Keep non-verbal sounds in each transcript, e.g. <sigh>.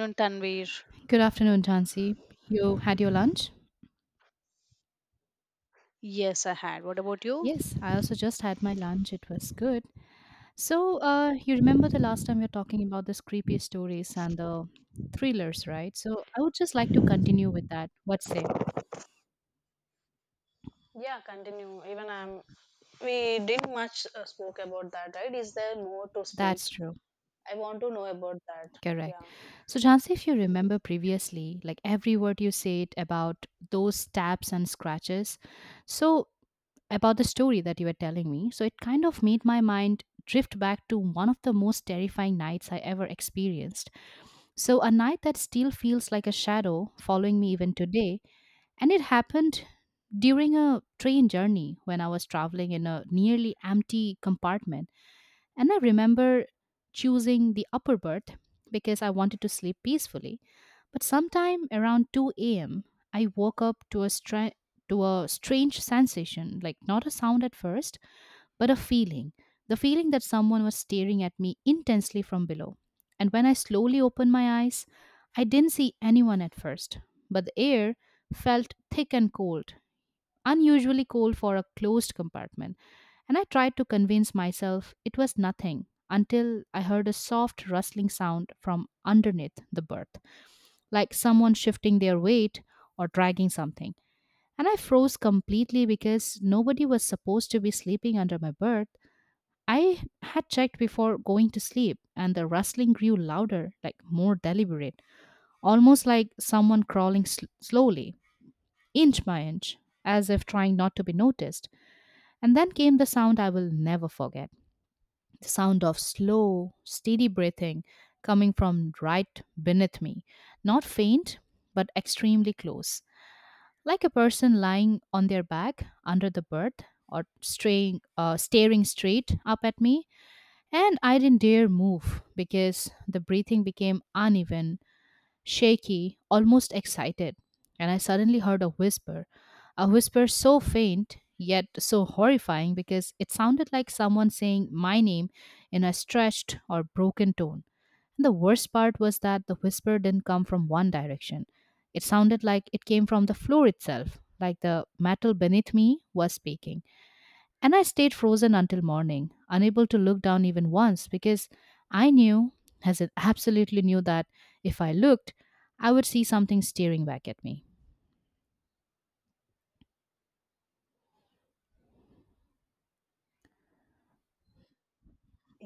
Afternoon, Tanvir. Good afternoon, Jansi. You had your lunch? Yes, I had. What about you? Yes, I also just had my lunch. It was good. So, you remember the last time we were talking about the creepy stories and the thrillers, right? So, I would just like to continue with that. What say? Yeah, continue. Even I'm. We didn't much spoke about that, right? Is there more to speak? That's true. I want to know about that. Correct. Yeah. So, Jansi, if you remember previously, like every word you said about those stabs and scratches, so about the story that you were telling me, so it kind of made my mind drift back to one of the most terrifying nights I ever experienced. So, a night that still feels like a shadow following me even today, and it happened during a train journey when I was traveling in a nearly empty compartment. And I remember choosing the upper berth because I wanted to sleep peacefully. But sometime around 2 a.m., I woke up to a, to a strange sensation like, not a sound at first, but a feeling the feeling that someone was staring at me intensely from below. And when I slowly opened my eyes, I didn't see anyone at first, but the air felt thick and cold, unusually cold for a closed compartment. And I tried to convince myself it was nothing until I heard a soft rustling sound from underneath the berth, like someone shifting their weight or dragging something. And I froze completely because nobody was supposed to be sleeping under my berth. I had checked before going to sleep, and the rustling grew louder, like more deliberate, almost like someone crawling slowly, inch by inch, as if trying not to be noticed. And then came the sound I will never forget, the sound of slow, steady breathing coming from right beneath me. Not faint, but extremely close, like a person lying on their back under the berth or staring straight up at me. And I didn't dare move because the breathing became uneven, shaky, almost excited. And I suddenly heard a whisper so faint yet so horrifying because it sounded like someone saying my name in a stretched or broken tone. And the worst part was that the whisper didn't come from one direction. It sounded like it came from the floor itself, like the metal beneath me was speaking. And I stayed frozen until morning, unable to look down even once because I knew, as I absolutely knew, that if I looked, I would see something staring back at me.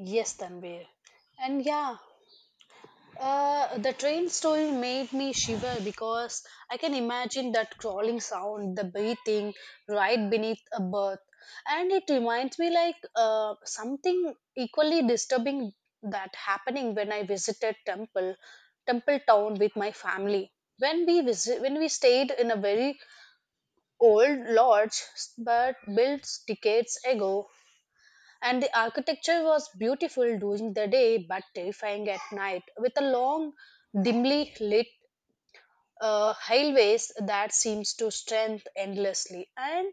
Yes, Tanvir. And yeah, the train story made me shiver because I can imagine that crawling sound, the breathing right beneath a berth, and it reminds me like something equally disturbing that happening when I visited Temple, Temple Town with my family. When we visit, when we stayed in a very old lodge, but built decades ago, and the architecture was beautiful during the day but terrifying at night with a long, dimly lit highways that seems to strength endlessly. And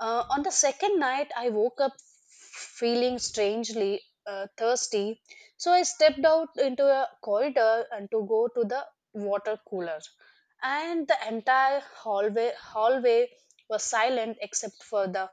on the second night, I woke up feeling strangely thirsty. So I stepped out into a corridor and to go to the water cooler. And the entire hallway was silent except for the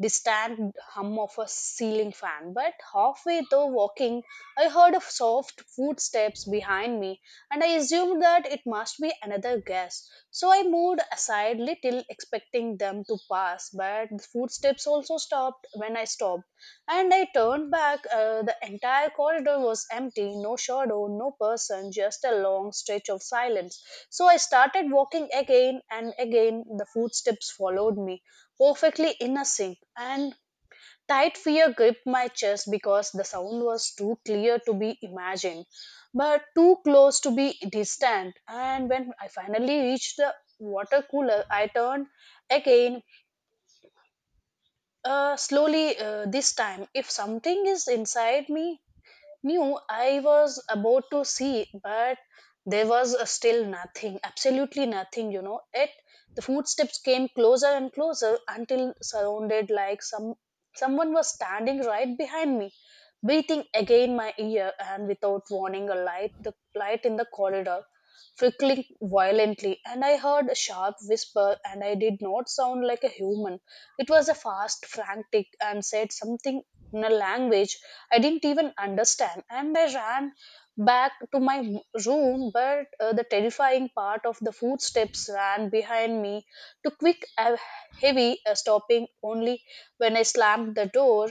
distant hum of a ceiling fan. But halfway though walking, I heard of soft footsteps behind me and I assumed that it must be another guest. So I moved aside little, expecting them to pass, but the footsteps also stopped when I stopped. And I turned back. The entire corridor was empty, no shadow, no person, just a long stretch of silence. So I started walking again, and again the footsteps followed me, perfectly in a sync. And tight fear gripped my chest because the sound was too clear to be imagined, but too close to be distant. And when I finally reached the water cooler, I turned again, slowly this time. If something is inside me, knew I was about to see, but there was still nothing, absolutely nothing. It the footsteps came closer and closer until surrounded like someone was standing right behind me, breathing again my ear and without warning a light the light in the corridor flickering violently and I heard a sharp whisper and I did not sound like a human. It was a fast, frantic and said something in a language I didn't even understand. And I ran back to my room, but the terrifying part of the footsteps ran behind me. Too quick, heavy, stopping only when I slammed the door.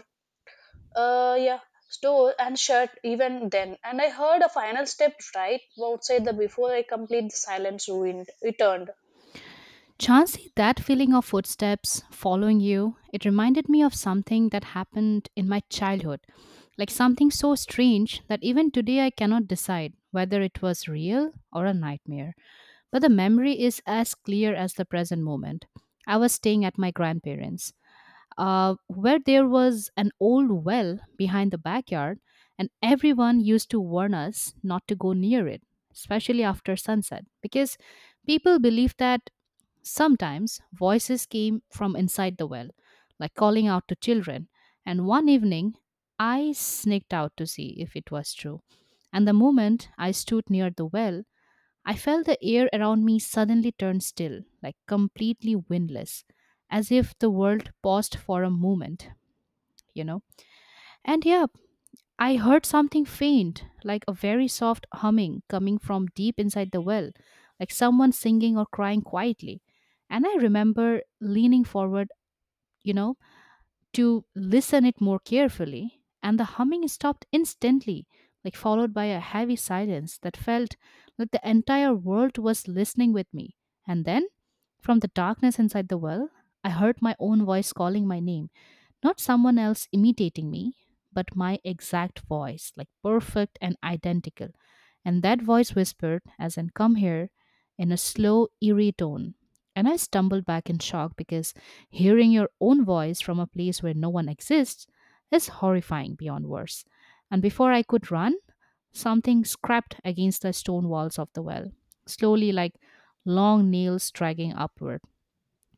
Yeah, door and shut even then. And I heard a final step right outside the before I complete the silence ruined. Returned. Chansey, that feeling of footsteps following you, it reminded me of something that happened in my childhood, like something so strange that even today I cannot decide whether it was real or a nightmare. But the memory is as clear as the present moment. I was staying at my grandparents', where there was an old well behind the backyard, and everyone used to warn us not to go near it, especially after sunset, because people believed that sometimes voices came from inside the well, like calling out to children. And one evening, I sneaked out to see if it was true. And the moment I stood near the well, I felt the air around me suddenly turn still, like completely windless, as if the world paused for a moment, you know. And yeah, I heard something faint, like a very soft humming coming from deep inside the well, like someone singing or crying quietly. And I remember leaning forward, you know, to listen it more carefully, and the humming stopped instantly, like followed by a heavy silence that felt like the entire world was listening with me. And then from the darkness inside the well, I heard my own voice calling my name, not someone else imitating me, but my exact voice, like perfect and identical. And that voice whispered, as in, come here, in a slow eerie tone. And I stumbled back in shock because hearing your own voice from a place where no one exists is horrifying beyond words. And before I could run, something scraped against the stone walls of the well, slowly, like long nails dragging upward.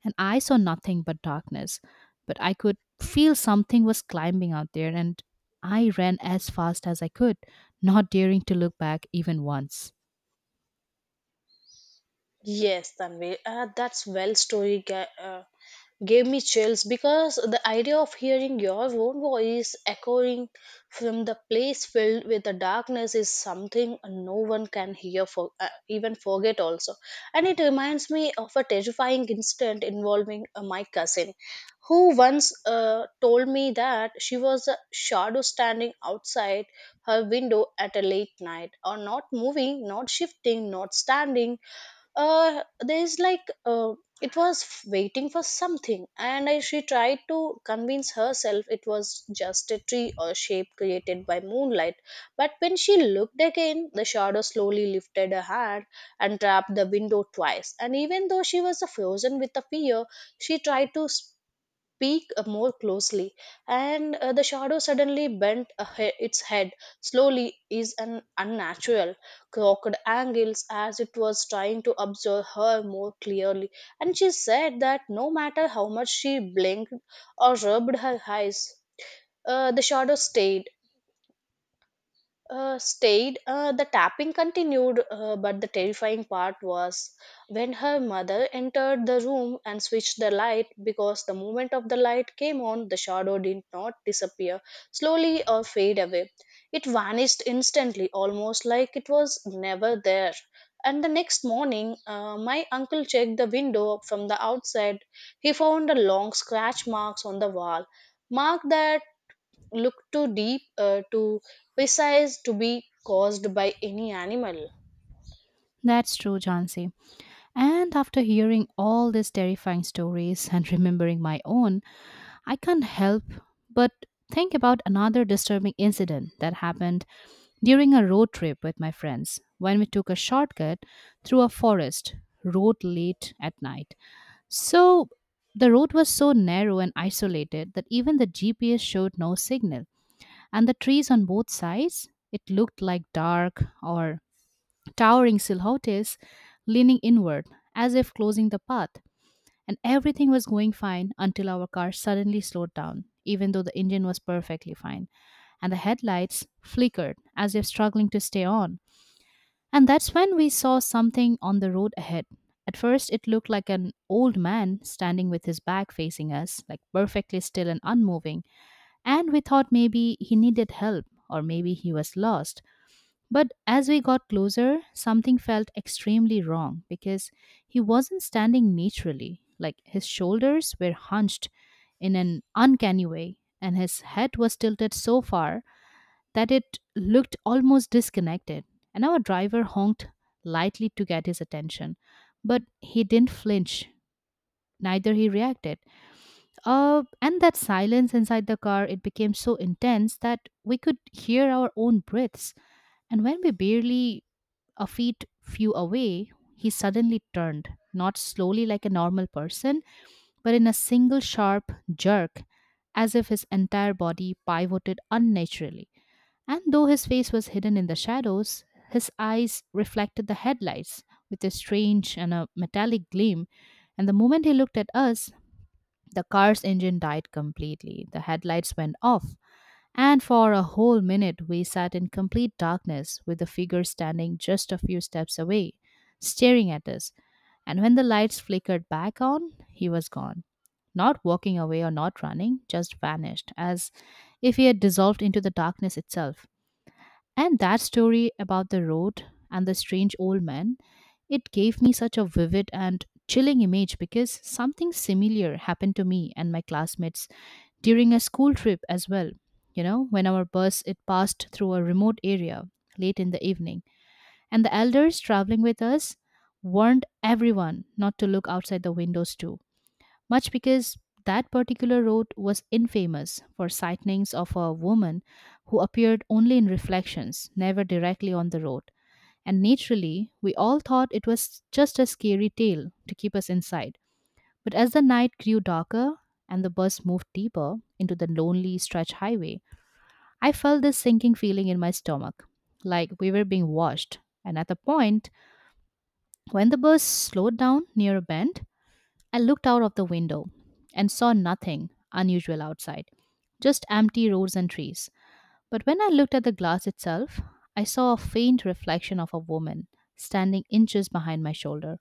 And I saw nothing but darkness, but I could feel something was climbing out there, and I ran as fast as I could, not daring to look back even once. Yes, Tanvi. That's well story. Gave me chills because the idea of hearing your own voice echoing from the place filled with the darkness is something no one can hear for even forget also, and it reminds me of a terrifying incident involving my cousin who once told me that she was a shadow standing outside her window at a late night, or not moving, not shifting, not standing, there's like it was waiting for something, and I, she tried to convince herself it was just a tree or shape created by moonlight, but when she looked again the shadow slowly lifted her hand and tapped the window twice, and even though she was frozen with the fear she tried to peek more closely, and the shadow suddenly bent a its head slowly is an unnatural, crooked angles as it was trying to observe her more clearly. And she said that no matter how much she blinked or rubbed her eyes, the shadow stayed. The tapping continued, but the terrifying part was when her mother entered the room and switched the light because the moment of the light came on, the shadow did not disappear slowly or fade away. It vanished instantly, almost like it was never there. And the next morning, my uncle checked the window from the outside. He found a long scratch marks on the wall, mark that look too deep, too precise to be caused by any animal. That's true, Jansi. And after hearing all these terrifying stories and remembering my own, I can't help but think about another disturbing incident that happened during a road trip with my friends when we took a shortcut through a forest road late at night. So the road was so narrow and isolated that even the GPS showed no signal, and the trees on both sides it looked like dark or towering silhouettes leaning inward as if closing the path. And everything was going fine until our car suddenly slowed down, even though the engine was perfectly fine, and the headlights flickered as if struggling to stay on. And that's when we saw something on the road ahead. At first, it looked like an old man standing with his back facing us, like perfectly still and unmoving, and we thought maybe he needed help or maybe he was lost. But as we got closer, something felt extremely wrong because he wasn't standing naturally. Like his shoulders were hunched in an uncanny way, and his head was tilted so far that it looked almost disconnected. And our driver honked lightly to get his attention, but he didn't flinch, neither he reacted. And that silence inside the car, it became so intense that we could hear our own breaths. And when we barely a feet few away, he suddenly turned, not slowly like a normal person, but in a single sharp jerk, as if his entire body pivoted unnaturally. And though his face was hidden in the shadows, his eyes reflected the headlights with a strange and a metallic gleam. And the moment he looked at us, the car's engine died completely. The headlights went off. And for a whole minute, we sat in complete darkness with the figure standing just a few steps away, staring at us. And when the lights flickered back on, he was gone. Not walking away or not running, just vanished, as if he had dissolved into the darkness itself. And that story about the road and the strange old man, it gave me such a vivid and chilling image because something similar happened to me and my classmates during a school trip as well. You know, when our bus it passed through a remote area late in the evening, and the elders traveling with us warned everyone not to look outside the windows too much because that particular road was infamous for sightings of a woman who appeared only in reflections, never directly on the road. And naturally, we all thought it was just a scary tale to keep us inside. But as the night grew darker and the bus moved deeper into the lonely stretch highway, I felt this sinking feeling in my stomach, like we were being watched. And at the point when the bus slowed down near a bend, I looked out of the window and saw nothing unusual outside, just empty roads and trees. But when I looked at the glass itself, I saw a faint reflection of a woman standing inches behind my shoulder.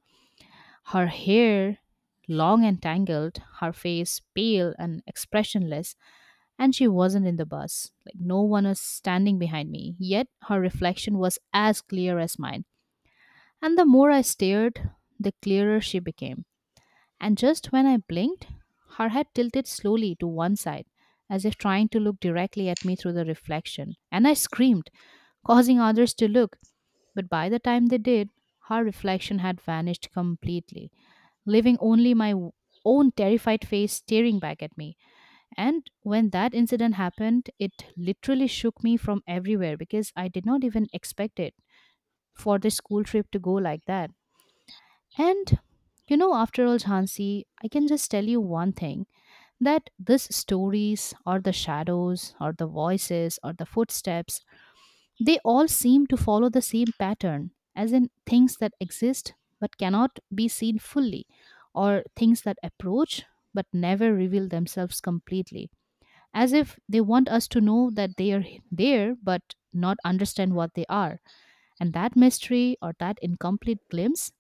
Her hair, long and tangled, her face pale and expressionless, and she wasn't in the bus. Like no one was standing behind me, yet her reflection was as clear as mine. And the more I stared, the clearer she became. And just when I blinked, her head tilted slowly to one side, as if trying to look directly at me through the reflection. And I screamed, causing others to look. But by the time they did, her reflection had vanished completely, leaving only my own terrified face staring back at me. And when that incident happened, it literally shook me from everywhere because I did not even expect it for this school trip to go like that. And you know, after all, Jhansi, I can just tell you one thing, that these stories or the shadows or the voices or the footsteps, they all seem to follow the same pattern, as in things that exist but cannot be seen fully, or things that approach but never reveal themselves completely, as if they want us to know that they are there but not understand what they are. And that mystery or that incomplete glimpse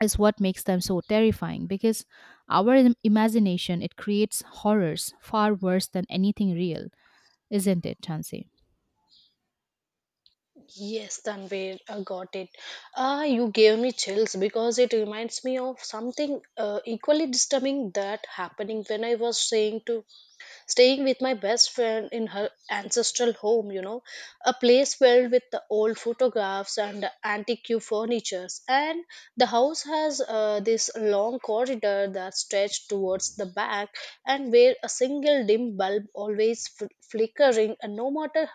is what makes them so terrifying because our imagination, it creates horrors far worse than anything real, isn't it, Chansey? Yes, Tanvir, I got it. Ah, you gave me chills because it reminds me of something equally disturbing that happening when I was saying to staying with my best friend in her ancestral home, you know, a place filled with the old photographs and antique furnitures. And the house has this long corridor that stretched towards the back, and where a single dim bulb always flickering, and no matter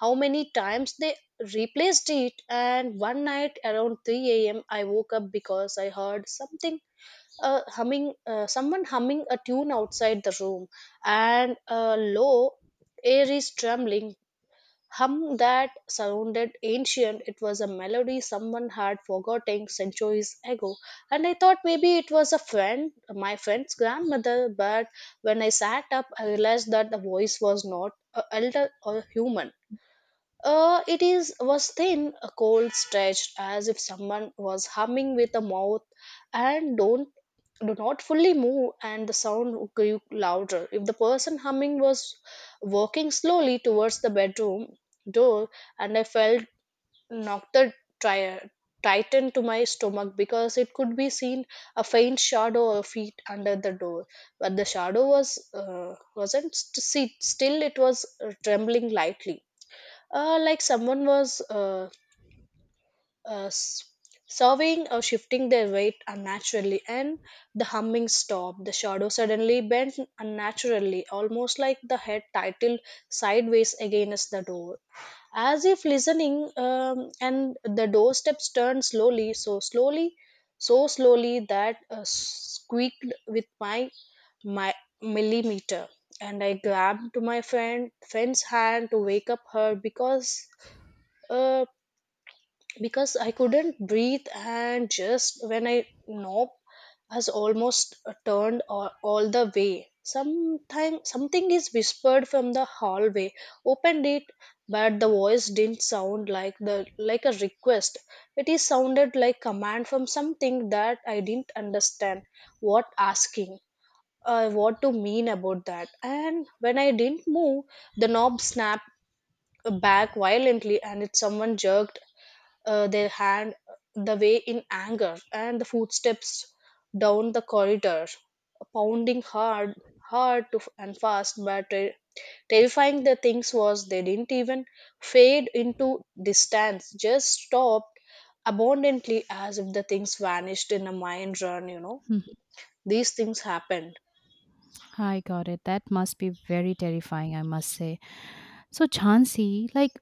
how many times they replaced it. And one night around 3 a.m., I woke up because I heard something, a humming, someone humming a tune outside the room and a low air is trembling hum that sounded ancient. It was a melody someone had forgotten centuries ago, and I thought maybe it was a friend, my friend's grandmother, but when I sat up I realized that the voice was not a elder or human. It is was thin, a cold stretched, as if someone was humming with a mouth, and don't do not fully move, and the sound grew louder. If the person humming was walking slowly towards the bedroom door, and I felt knocked the tire tightened to my stomach because it could be seen a faint shadow of feet under the door, but the shadow was wasn't still, it was trembling lightly, like someone was uh, s- serving or shifting their weight unnaturally, and the humming stopped. The shadow suddenly bent unnaturally, almost like the head tilted sideways against the door, as if listening. And the doorsteps turned slowly, so slowly, so slowly that squeaked with my millimeter, and I grabbed my friend's hand to wake up her uh, because I couldn't breathe, and just when I knob has almost turned all the way. Sometime something is whispered from the hallway. Opened it, but the voice didn't sound like the like a request. It is sounded like command from something that I didn't understand. What asking? What to mean about that? And when I didn't move, the knob snapped back violently, and it someone jerked their hand the way in anger, and the footsteps down the corridor pounding hard hard to, and fast, but terrifying the things was they didn't even fade into distance, just stopped abundantly as if the things vanished in a mind run, you know. Hmm, These things happened. I got it. That must be very terrifying, I must say. So, Chansey, like,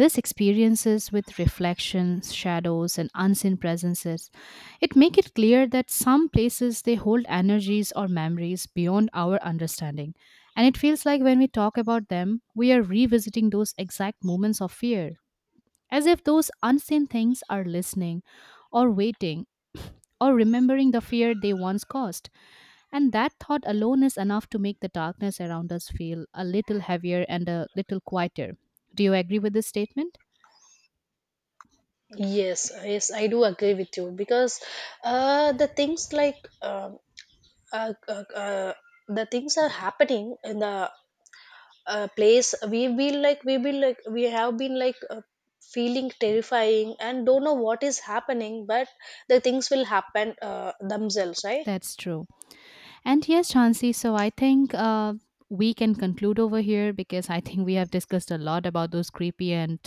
this experiences with reflections, shadows, and unseen presences, it make it clear that some places they hold energies or memories beyond our understanding. And it feels like when we talk about them, we are revisiting those exact moments of fear, as if those unseen things are listening or waiting or remembering the fear they once caused. And that thought alone is enough to make the darkness around us feel a little heavier and a little quieter. Do you agree with this statement? Yes, yes, I do agree with you because the things like uh, uh, uh, the things are happening in the place we will like we will like we have been like feeling terrifying and don't know what is happening, but the things will happen themselves, right. That's true. And yes, Chansi, so I think we can conclude over here because I think we have discussed a lot about those creepy and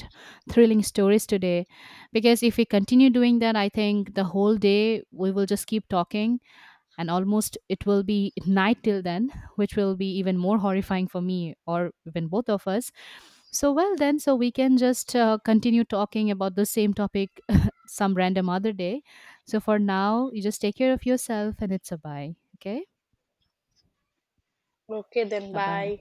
thrilling stories today. Because if we continue doing that, I think the whole day we will just keep talking and almost it will be night till then, which will be even more horrifying for me or even both of us. So well then, so we can just continue talking about the same topic <laughs> some random other day. So for now, you just take care of yourself, and it's a bye, okay? Okay then, Bye bye. bye.